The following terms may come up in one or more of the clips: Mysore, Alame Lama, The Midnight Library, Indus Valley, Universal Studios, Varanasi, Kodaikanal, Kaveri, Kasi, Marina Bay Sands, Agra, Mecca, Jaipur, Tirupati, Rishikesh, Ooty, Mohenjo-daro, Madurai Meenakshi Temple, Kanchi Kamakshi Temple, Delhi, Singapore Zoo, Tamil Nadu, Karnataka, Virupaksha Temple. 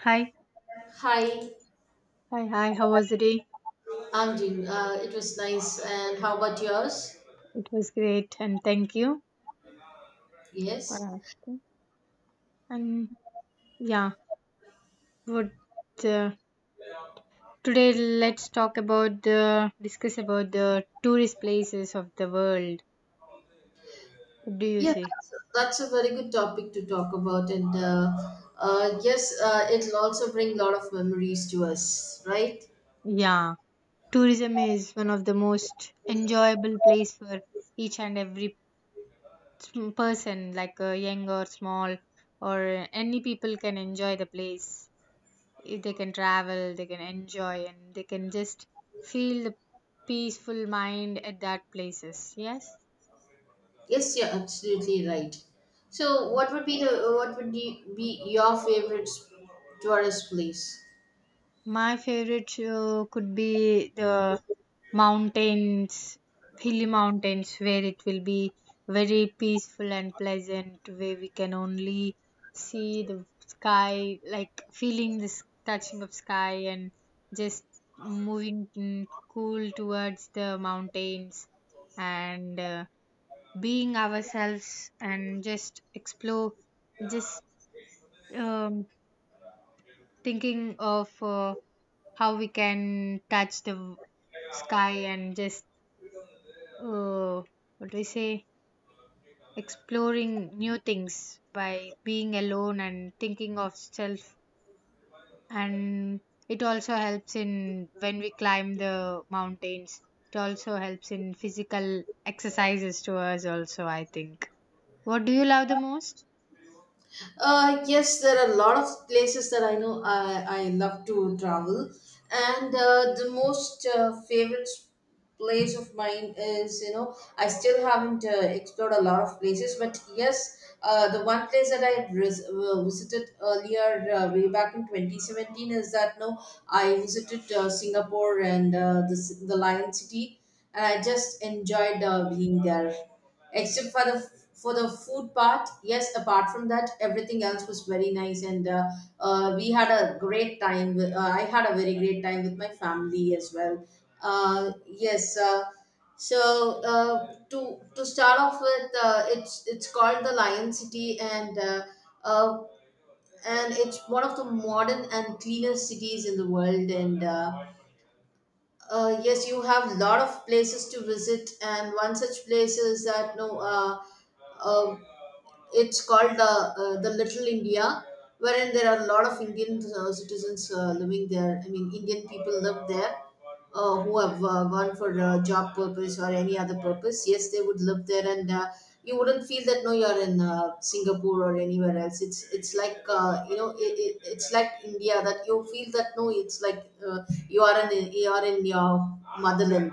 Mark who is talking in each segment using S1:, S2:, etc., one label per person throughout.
S1: Hi,
S2: Hi,
S1: hi, hi. How was the day?
S2: I'm Jin. It was nice. And how about yours?
S1: It was great, and thank you for
S2: Yes.
S1: asking. And yeah, would uh, today let's talk about the discuss about the tourist places of the world. What do you
S2: Yeah,
S1: say?
S2: that's, that's a very good topic to talk about. It'll also bring a lot of memories to us, right?
S1: Yeah, tourism is one of the most enjoyable place for each and every person, like young or small, or any people can enjoy the place. They can travel, they can enjoy, and they can just feel the peaceful mind at that places. Yes,
S2: Yes, you're absolutely right. So, what would be your favorite tourist place?
S1: my favorite could be the mountains, hilly mountains, where it will be very peaceful and pleasant, where we can only see the sky, like feeling this touching of sky and just moving cool towards the mountains and being ourselves and just explore, just um, thinking of how we can touch the sky and just uh, what do we say, exploring new things by being alone and thinking of self. And it also helps in when we climb the mountains, it also helps in physical exercises to us also, I think. What do you love the most?
S2: Yes, there are a lot of places that I know I love to travel, and the most favorite place of mine is. I still haven't explored a lot of places, but yes, the one place that I visited earlier way back in 2017 is that no I visited Singapore and the Lion City, and I just enjoyed being there except for the food part. Yes, apart from that, everything else was very nice, and we had a great time with, I had a very great time with my family as well. uh, yes uh, so to start off with, it's called the Lion City, uh, and it's one of the modern and cleanest cities in the world. And Yes, you have a lot of places to visit, and one such place is that no, uh, it's called the Little India, wherein there are a lot of Indian citizens living there. I mean, Indian people live there who have gone for job purpose or any other purpose. Yes, they would live there, and you wouldn't feel that no, you're in Singapore or anywhere else. It's like you know, it's like India. That You feel that no, it's like you are in your motherland.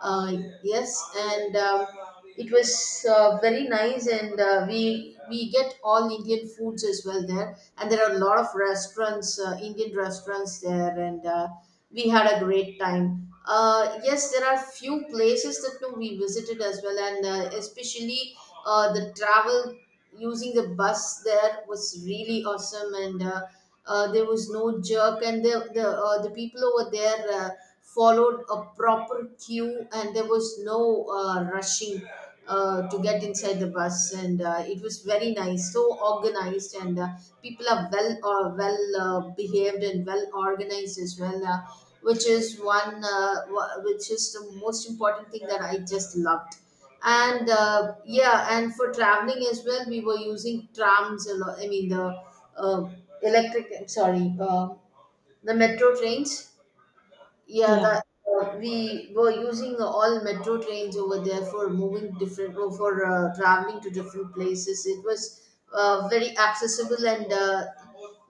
S2: uh, yes, and it was very nice, and we get all Indian foods as well there, and there are a lot of restaurants, Indian restaurants there, and we had a great time. Yes, there are few places that no, we visited as well, and especially the travel using the bus there was really awesome. And There was no jerk, and the people over there followed a proper queue, and there was no rushing to get inside the bus, and it was very nice, so organized, and people are well behaved and well organized as well, which is the most important thing that I just loved. And Yeah, and for traveling as well, we were using trams a lot. I mean, the uh, electric sorry the metro trains. Yeah,
S1: Yeah.
S2: that we were using all metro trains over there for moving different or for traveling to different places. It was very accessible and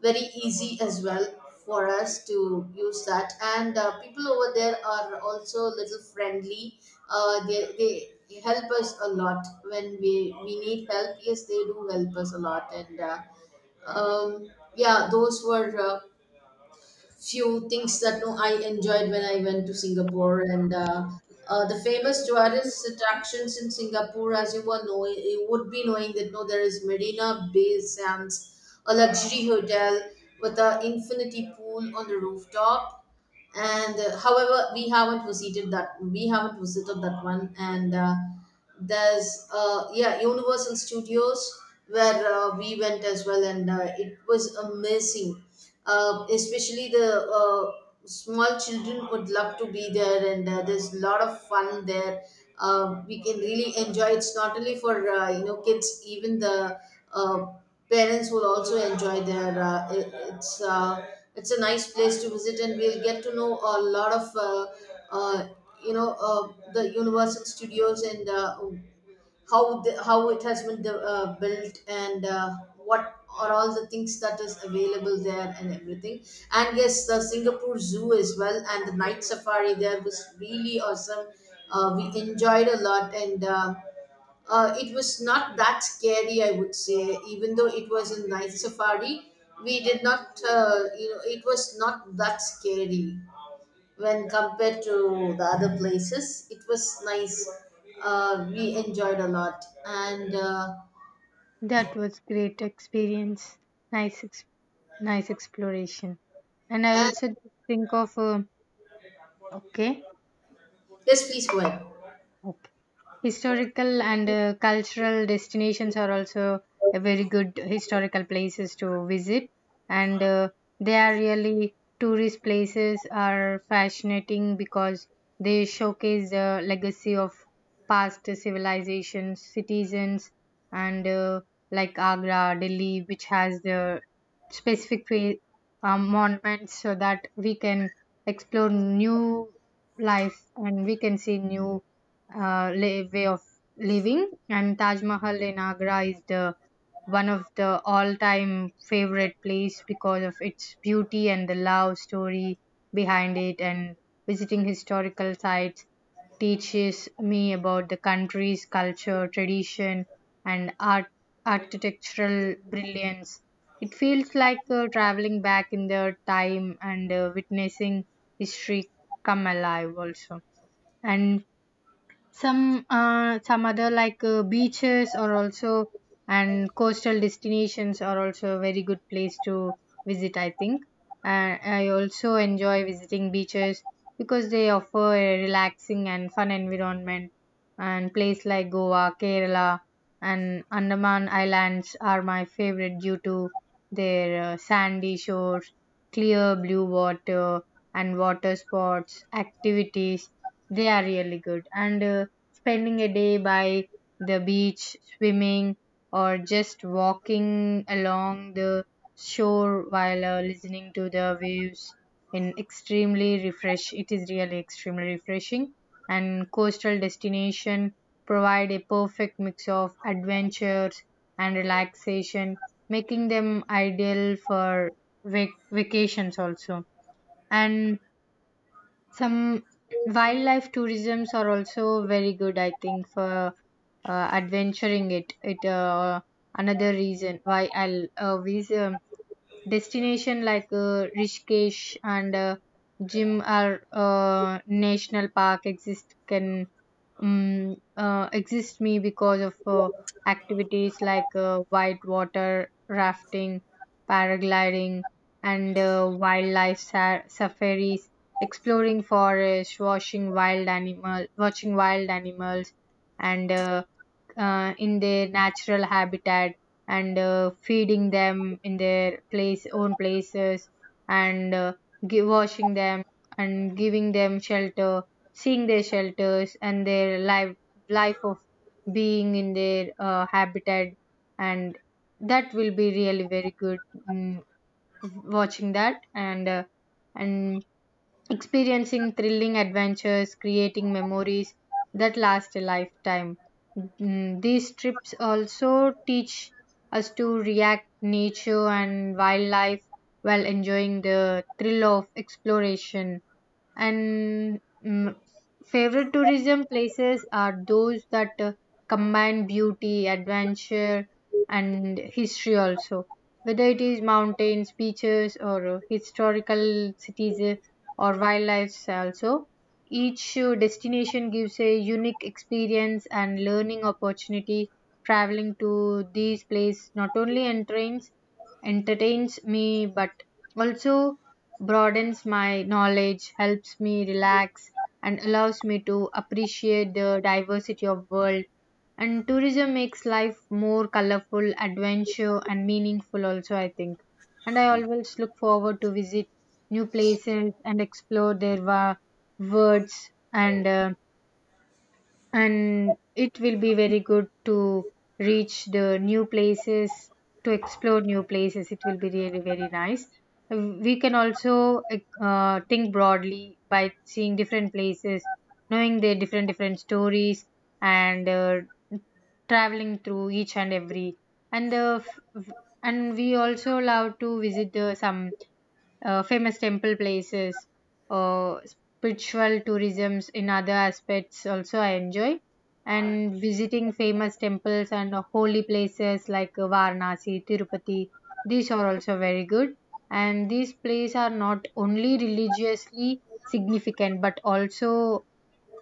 S2: very easy as well for us to use that. And people over there are also a little friendly. They help us a lot when we need help. Yes, they do help us a lot. And. Um, yeah, those were few things that no, I enjoyed when I went to Singapore. And The famous tourist attractions in Singapore, as you were knowing, you would be knowing that no, there is Marina Bay Sands, a luxury hotel with an infinity pool on the rooftop. And However, we haven't visited that. We haven't visited that one. And there's yeah, Universal Studios where we went as well, and it was amazing, especially the uh, small children would love to be there, and there's a lot of fun there. We can really enjoy. It's not only for you know kids, even the uh, parents will also enjoy. Their it, it's It's a nice place to visit, and we'll get to know a lot of uh, you know, the Universal Studios and how how it has been built, and what are all the things that is available there and everything. And yes, the Singapore Zoo as well, and the night safari there was really awesome. We enjoyed a lot. And It was not that scary, I would say, even though it was a night safari. We did not, you know, it was not that scary when compared to the other places. It was nice. We enjoyed a lot.
S1: That was great experience. Nice, ex- Nice exploration. And I
S2: And
S1: also think of okay.
S2: Yes, please go ahead.
S1: Okay. Historical and cultural destinations are also a very good historical places to visit, and they are really, tourist places are fascinating because they showcase the legacy of past civilizations, citizens, and like Agra, Delhi, which has the specific monuments so that we can explore new life and we can see new way of living. And Taj Mahal in Agra is the one of the all-time favorite place because of its beauty and the love story behind it. And visiting historical sites teaches me about the country's culture, tradition, and art architectural brilliance. It feels like traveling back in the time and witnessing history come alive also. And some other like beaches are also and coastal destinations are also a very good place to visit, I think. And I also enjoy visiting beaches because they offer a relaxing and fun environment. And place like Goa, Kerala, and Andaman Islands are my favorite due to their sandy shores, clear blue water, and water sports activities. They are really good, and spending a day by the beach, swimming, or just walking along the shore while listening to the waves in extremely refresh it is really extremely refreshing, and coastal destination provide a perfect mix of adventures and relaxation, making them ideal for vacations also. And some wildlife tourisms are also very good, I think, for adventuring it. Another reason why I'll visit destination like Rishikesh and Jim are national park exist can exist me because of activities like white water rafting, paragliding, and wildlife safaris, exploring forest, watching wild animals, and in their natural habitat, and feeding them in their place own places and washing them and giving them shelter, seeing their shelters and their life, life of being in their habitat. And that will be really very good, mm, watching that. And and experiencing thrilling adventures, creating memories that last a lifetime. These trips also teach us to react nature and wildlife while enjoying the thrill of exploration. And mm, favorite tourism places are those that combine beauty, adventure, and history also. Whether it is mountains, beaches, or historical cities or wildlife also, each destination gives a unique experience and learning opportunity. Traveling to these places not only entertains me but also broadens my knowledge, helps me relax, and allows me to appreciate the diversity of world. And tourism makes life more colorful, adventure, and meaningful. Also, I think, and I always look forward to visit new places and explore their words. And. Uh, and it will be very good to reach the new places, to explore new places, it will be really very nice. Uh, we can also, like, think broadly by seeing different places, knowing their different different stories, and traveling through each and every, and the f- f- and we also love to visit the, some famous temple places, uh, spiritual tourisms. In other aspects also I enjoy and visiting famous temples and holy places like Varanasi, Tirupati. These are also very good, and these places are not only religiously significant but also,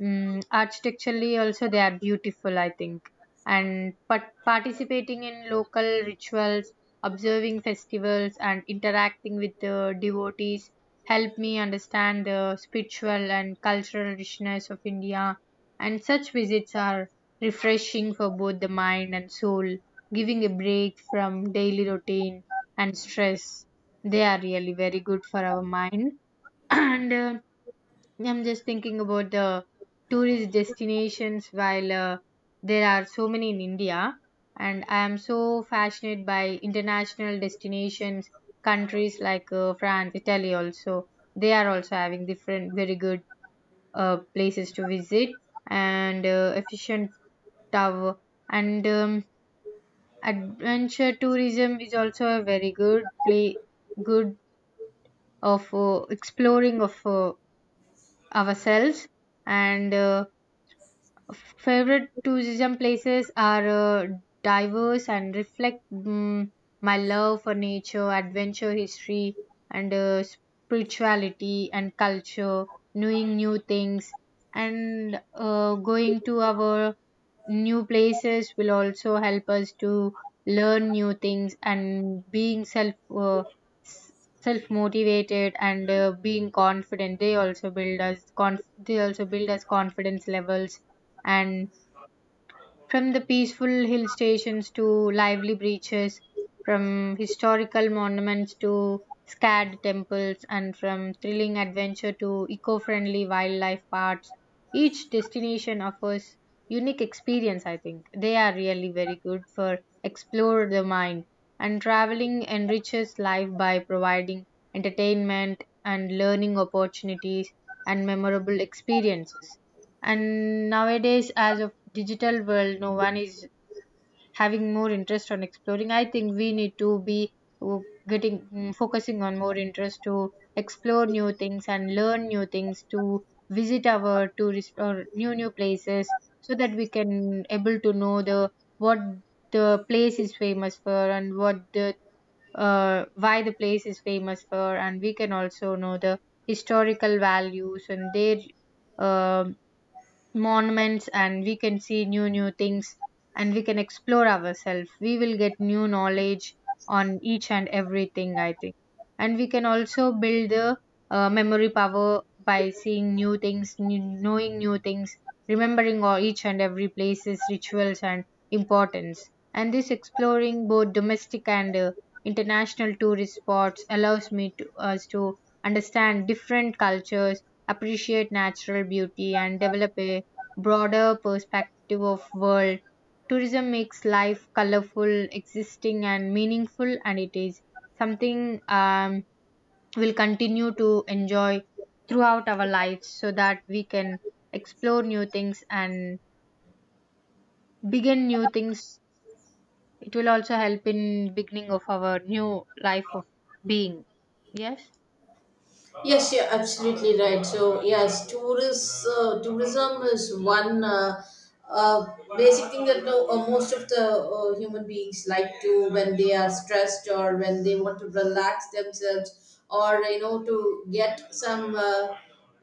S1: Architecturally also they are beautiful, I think. And but participating in local rituals, observing festivals, and interacting with the devotees help me understand the spiritual and cultural richness of India. And such visits are refreshing for both the mind and soul, giving a break from daily routine and stress. They are really very good for our mind. And I'm just thinking about the tourist destinations. While there are so many in India, and I am so fascinated by international destinations, countries like France, Italy also. They are also having different, very good places to visit and efficient tower. And adventure tourism is also a very good good of exploring of ourselves. And. Uh, Favorite tourism places are diverse and reflect my love for nature, adventure, history, and spirituality and culture, knowing new things, and going to our new places will also help us to learn new things and being self motivated and being confident. They also they also build us confidence levels. And from the peaceful hill stations to lively beaches, from historical monuments to sacred temples, and from thrilling adventure to eco friendly wildlife parks, each destination offers unique experience, I think. They are really very good for explore the mind, and traveling enriches life by providing entertainment and learning opportunities and memorable experiences. And nowadays, as of digital world, no one is having more interest on exploring. I think we need to be uh, focusing on more interest to explore new things and learn new things, to visit our tourist or new new places, so that we can able to know the what the place is famous for and what the why the place is famous for. And we can also know the historical values and their um monuments, and we can see new new things, and we can explore ourselves. We will get new knowledge on each and everything, I think. And we can also build the memory power by seeing new things, knowing new things, remembering all each and every places rituals and importance. And this exploring both domestic and international tourist spots allows me to us to understand different cultures, appreciate natural beauty, and develop a broader perspective of world. Tourism makes life colorful, existing and meaningful, and it is something we'll continue to enjoy throughout our lives, so that we can explore new things and begin new things. It will also help in beginning of our new life of being. Yes.
S2: Yes, you're absolutely right. So yes, tourist tourism is one uh, basic thing that most of the human beings like to, when they are stressed or when they want to relax themselves, or you know, to get some.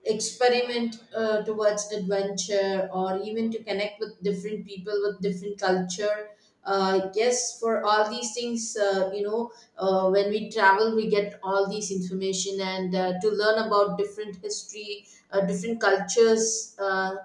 S2: Experiment towards adventure, or even to connect with different people with different culture. Yes, for all these things, you know, when we travel, we get all these information, and to learn about different history, different cultures. uh,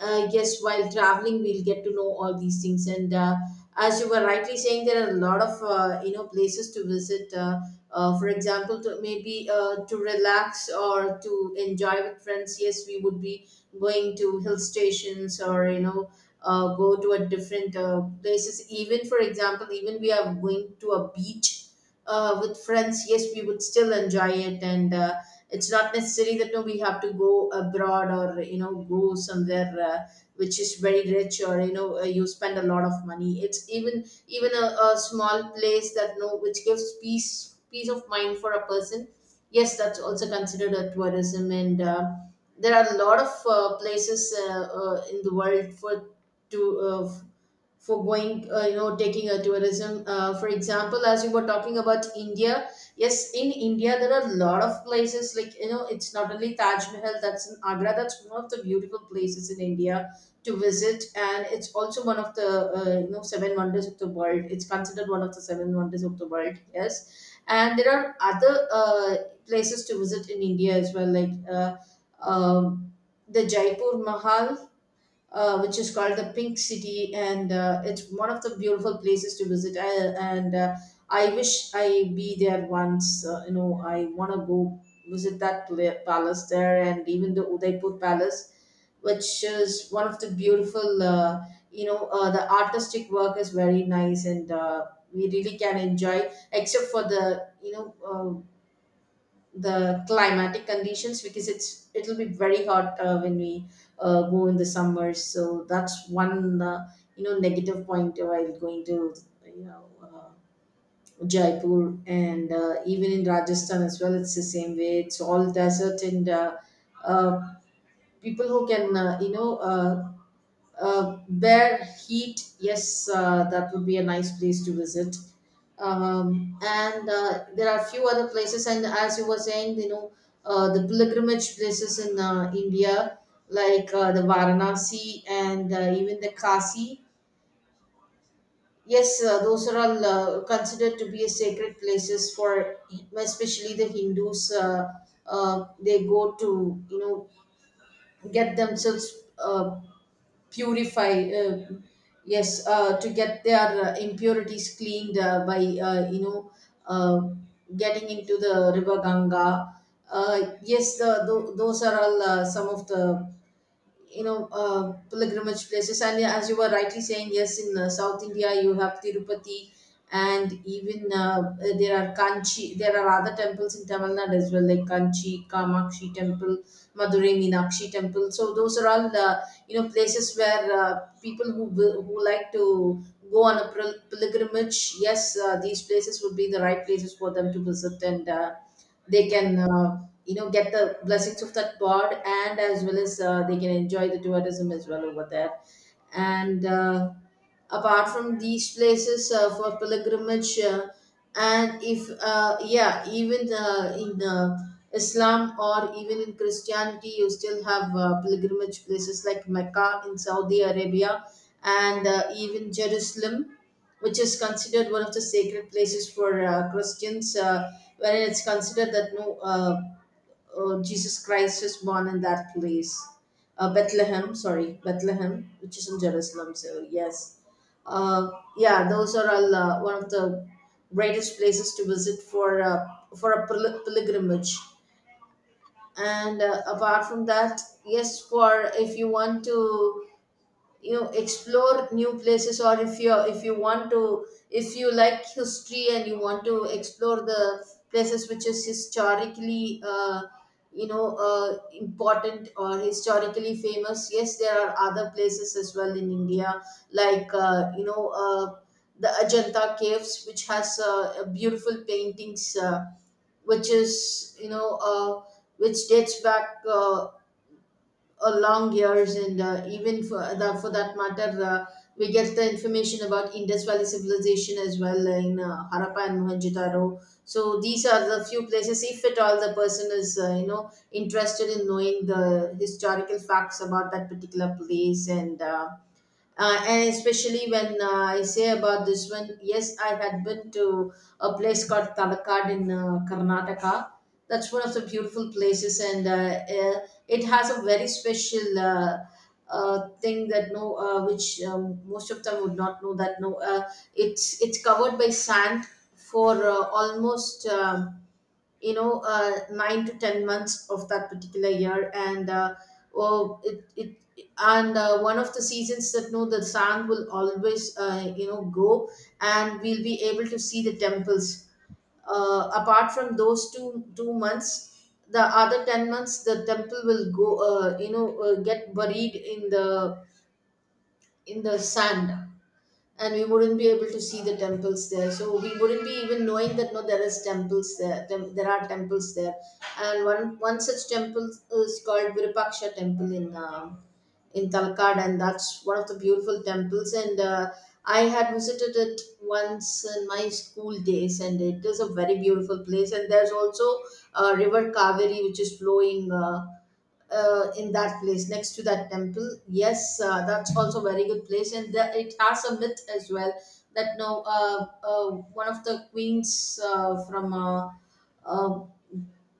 S2: uh, Yes, while traveling, we'll get to know all these things. And as you were rightly saying, there are a lot of you know places to visit. For example, to maybe to relax or to enjoy with friends. Yes, we would be going to hill stations, or you know, go to a different places. Even for example, even we are going to a beach with friends, yes, we would still enjoy it, and it's not necessary that no, we have to go abroad, or you know, go somewhere which is very rich, or you know, you spend a lot of money. It's even even a small place that no, which gives peace of mind for a person. Yes, that's also considered a tourism, and there are a lot of places in the world to uh, for going, you know, taking a tourism. For example, as you were talking about India, yes, in India there are a lot of places, like, you know, it's not only Taj Mahal that's in Agra. That's one of the beautiful places in India to visit, and it's also one of the you know seven wonders of the world. It's considered one of the seven wonders of the world. Yes. And there are other uh, places to visit in India as well, like um the Jaipur Mahal, which is called the Pink City, and it's one of the beautiful places to visit. And uh, I wish I be there once. You know, I want to go visit that palace there, and even the Udaipur Palace, which is one of the beautiful. You know, the artistic work is very nice, and we really can enjoy, except for the, you know. The climatic conditions, because it'll be very hot when we go in the summers. So that's one, you know, negative point while going to, you know, Jaipur, and even in Rajasthan as well, it's the same way. It's all desert, and uh, people who can, you know, Bear Heat, yes, that would be a nice place to visit. And There are few other places, and as you were saying, you know, the pilgrimage places in India, like the Varanasi and even the Kasi. Yes, those are all considered to be a sacred places for especially the Hindus. They go to, you know, get themselves purify, yes, to get their impurities cleaned, by you know, uh, getting into the river Ganga. Yes, those are all some of the, you know, pilgrimage places. And yeah, as you were rightly saying, yes, in South India, you have Tirupati, and even there are Kanchi, there are other temples in Tamil Nadu as well, like Kanchi Kamakshi Temple, Madurai Meenakshi Temple. So those are all you know places where people who like to go on a pilgrimage. Yes, these places would be the right places for them to visit, and they can, you know, get the blessings of that God, and as well as they can enjoy the tourism as well over there. And Apart from these places for pilgrimage, and if yeah, even in Islam or even in Christianity, you still have pilgrimage places like Mecca in Saudi Arabia, and even Jerusalem, which is considered one of the sacred places for Christians, wherein it's considered that no Jesus Christ was born in that place, Bethlehem. Sorry, Bethlehem, which is in Jerusalem. So yes, uh, yeah, those are all one of the greatest places to visit for a pilgrimage. And apart from that, yes, for if you want to explore new places, or if you like history and you want to explore the places which is historically important or historically famous. Yes, there are other places as well in India, like the Ajanta Caves, which has a beautiful paintings, which is you know which dates back long years. And even for that matter, we get the information about Indus Valley civilization as well in Harappa and Mohenjo-Daro. So these are the few places if at all the person is interested in knowing the historical facts about that particular place. And especially when I say about this one, yes, I had been to a place called Talakad in Karnataka. That's one of the beautiful places, and it has a very special thing that no, which most of them would not know that no, it's covered by sand for almost 9 to 10 months of that particular year. And oh, it and One of the seasons that no, the sand will always grow, and we'll be able to see the temples. Apart from those two two months, the other 10 months the temple will go get buried in the sand, and we wouldn't be able to see the temples there. So we wouldn't be even knowing that no, there is temples there, there are temples there. And one such temple is called Virupaksha Temple in Talakad, and that's one of the beautiful temples, and I had visited it once in my school days, and it is a very beautiful place. And there's also river Kaveri, which is flowing in that place next to that temple. Yes, that's also very good place, and it has a myth as well that no, one of the queens from uh,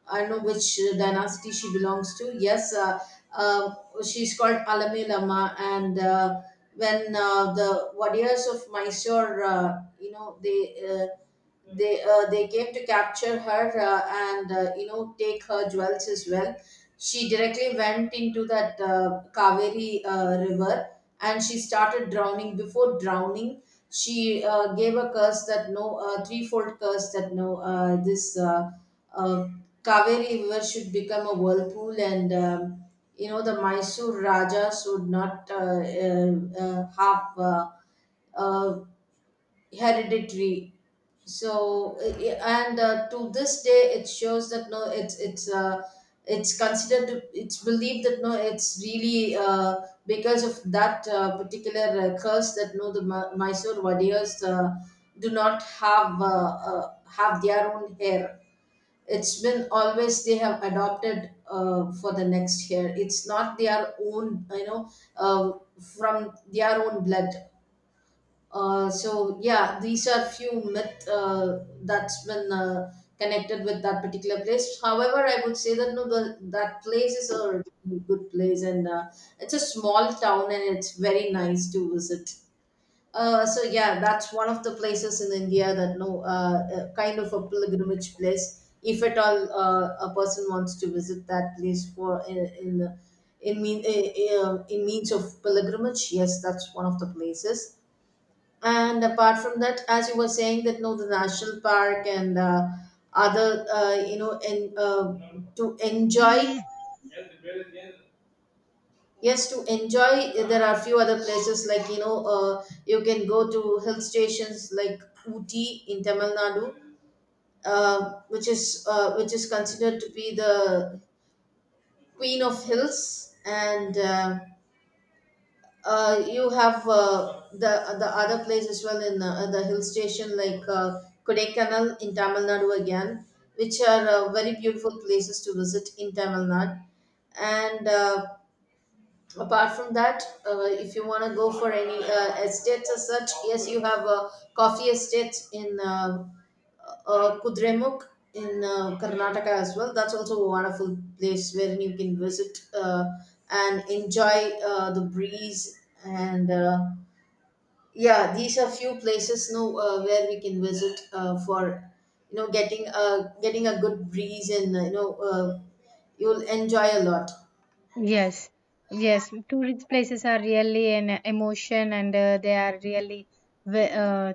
S2: I don't know which dynasty she belongs to. Yes, uh, she's called Alame Lama. And when the warriors of Mysore, they came to capture her, and take her jewels as well. She directly went into that Kaveri river, and she started drowning. Before drowning, she gave a curse that no, threefold curse that no, this uh, Kaveri river should become a whirlpool, and the Mysore Raja should not have, uh, hereditary. So yeah, and to this day it shows that no, it's considered to, it's believed that no, it's really because of that particular curse that no the Mysore warriors do not have, have their own hair. It's been always they have adopted for the next hair. It's not their own, you know, uh, from their own blood. So yeah, these are few myth that's been connected with that particular place. However, I would say that no, that place is a really good place, and it's a small town, and it's very nice to visit. So yeah, that's one of the places in India that no, kind of a pilgrimage place. If at all a person wants to visit that place for in mean in means of pilgrimage, yes, that's one of the places. And apart from that, as you were saying that no, the national park and other, and to enjoy. Yes, to enjoy, there are few other places, like you can go to hill stations like Ooty in Tamil Nadu, which is considered to be the queen of hills. And. You have the other place as well in the hill station, like Kodaikanal in Tamil Nadu again, which are very beautiful places to visit in Tamil Nadu. And apart from that, if you want to go for any estates as such, yes, you have coffee estates in Kudremukh in Karnataka as well. That's also a wonderful place wherein you can visit and enjoy the breeze. And yeah, these are few places no, where we can visit for getting a good breeze, and you'll enjoy a lot.
S1: Yes, yes. Tourist places are really an emotion, and they are really ve- uh,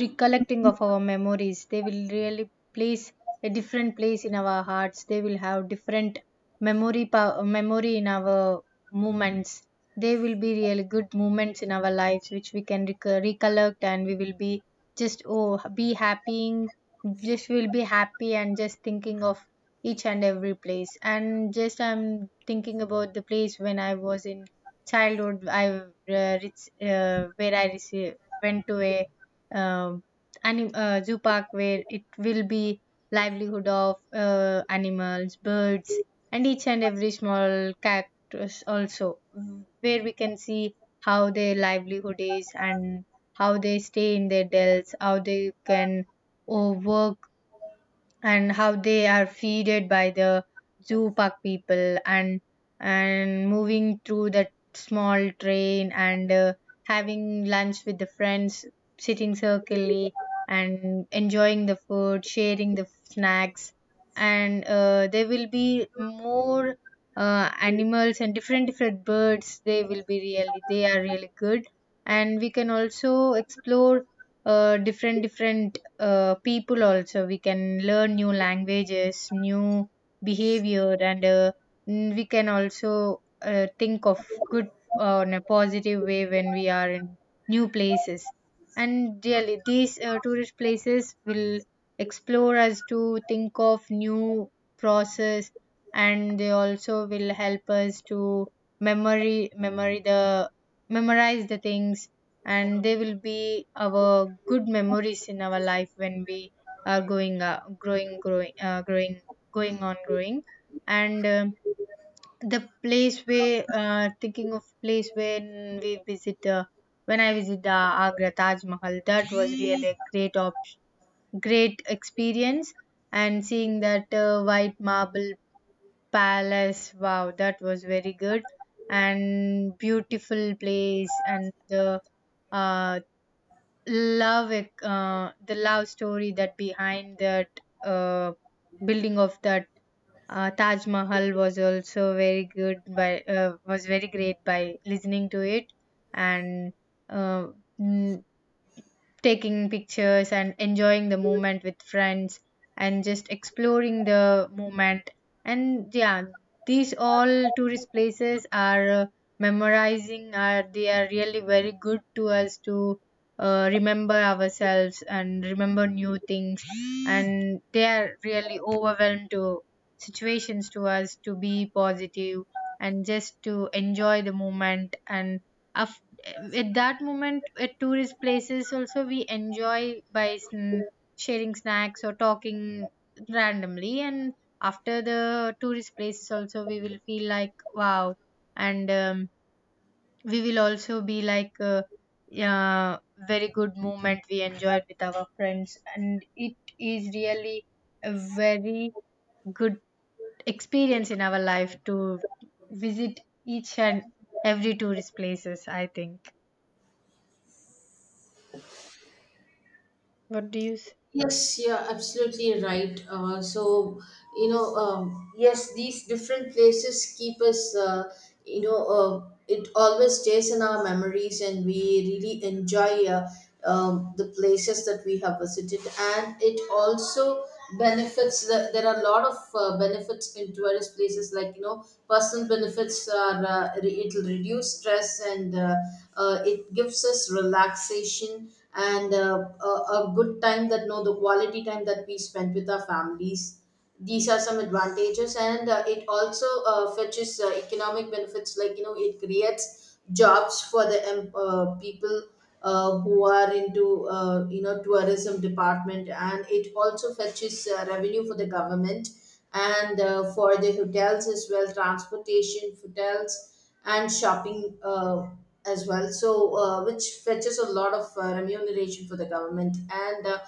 S1: recollecting of our memories. They will really place a different place in our hearts. They will have different memory in our moments. They will be really good moments in our lives, which we can recollect, and we will be just, oh, be happy, just will be happy, and just thinking of each and every place. And just I'm thinking about the place when I was in childhood. I where I went to a um zoo park, where it will be livelihood of animals, birds, and each and every small cactus also, where we can see how their livelihood is, and how they stay in their dells, how they can, oh, work, and how they are feeded by the zoo park people, and moving through that small train, and having lunch with the friends, sitting circularly, and enjoying the food, sharing the snacks. And there will be more animals and different different birds. They are really good, and we can also explore different different people also. We can learn new languages, new behavior, and we can also think of good in a positive way when we are in new places. And really these tourist places will explore us to think of new process, and they also will help us to memory memory the memorize the things. And they will be our good memories in our life when we are going on growing. And the place where thinking of place when we visit when I visit the Agra Taj Mahal, that was really a great experience. And seeing that white marble palace, wow, that was very good and beautiful place. And the uh, the love story that behind that uh, building of that Taj Mahal was also very good, by was very great by listening to it. And uh, mm, taking pictures and enjoying the moment with friends, and just exploring the moment. And yeah, these all tourist places are memorizing. Are They are really very good to us to remember ourselves and remember new things. And they are really overwhelmed to situations to us to be positive, and just to enjoy the moment. And of at that moment, at tourist places also, we enjoy by sharing snacks or talking randomly. And after the tourist places also, we will feel like, wow. And we will also be like, yeah, very good moment we enjoyed with our friends. And it is really a very good experience in our life to visit each and every tourist places, I think. What do you say?
S2: Yes, you're absolutely right. So, you know, yes, these different places keep us, it always stays in our memories, and we really enjoy the places that we have visited. And it also benefits, there are a lot of benefits in tourist places, like, you know, personal benefits are, it'll reduce stress, and it gives us relaxation, and a good time that no, the quality time that we spent with our families. These are some advantages, and it also fetches economic benefits, like you know, it creates jobs for the people who are into tourism department, and it also fetches revenue for the government and for the hotels as well, transportation, hotels, and shopping as well. So, which fetches a lot of remuneration for the government. And.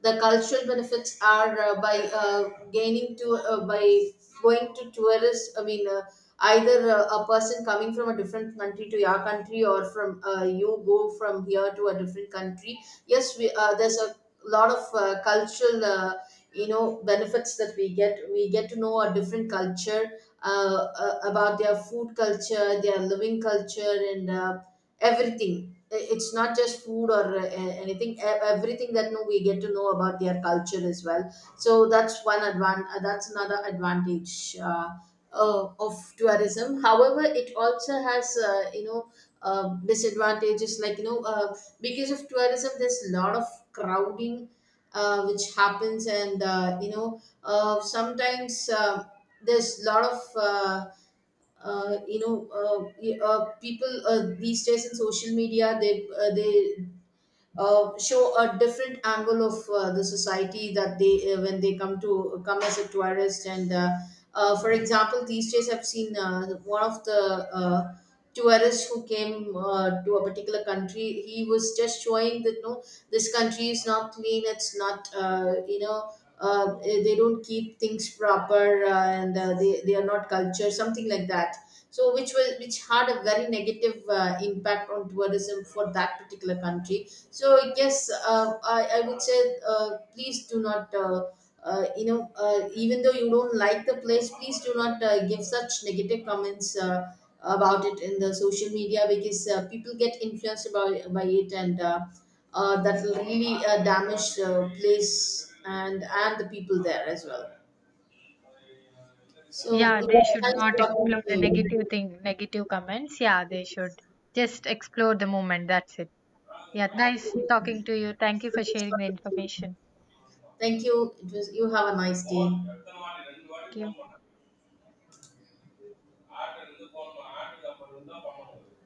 S2: The cultural benefits are by going to tourists, I mean either a person coming from a different country to your country, or from you go from here to a different country. Yes, we there's a lot of cultural you know benefits that we get to know a different culture. uh, about their food culture, their living culture, and everything. It's not just food or anything, everything that no, we get to know about their culture as well. So that's that's another advantage of tourism. However, it also has disadvantages, like you know, because of tourism there's a lot of crowding, which happens. And sometimes there's a lot of people, these days in social media they show a different angle of the society that they when they come as a tourist. And for example, these days I've seen one of the tourist who came to a particular country. He was just showing that no, this country is not clean, it's not, they don't keep things proper, and they are not culture, something like that. So which had a very negative impact on tourism for that particular country. So yes, I would say, please do not, even though you don't like the place, please do not give such negative comments about it in the social media, because people get influenced by it, and that will really damage the place and the people there as well. So
S1: Yeah,
S2: it
S1: they
S2: was
S1: should not
S2: nice talking
S1: explore
S2: to
S1: the negative
S2: you.
S1: thing, negative comments. Yeah, they should just explore the moment. That's it. Yeah, nice talking to you. Thank you for sharing the
S2: Nice.
S1: information.
S2: Thank you. It was You have a nice day.
S1: Thank you.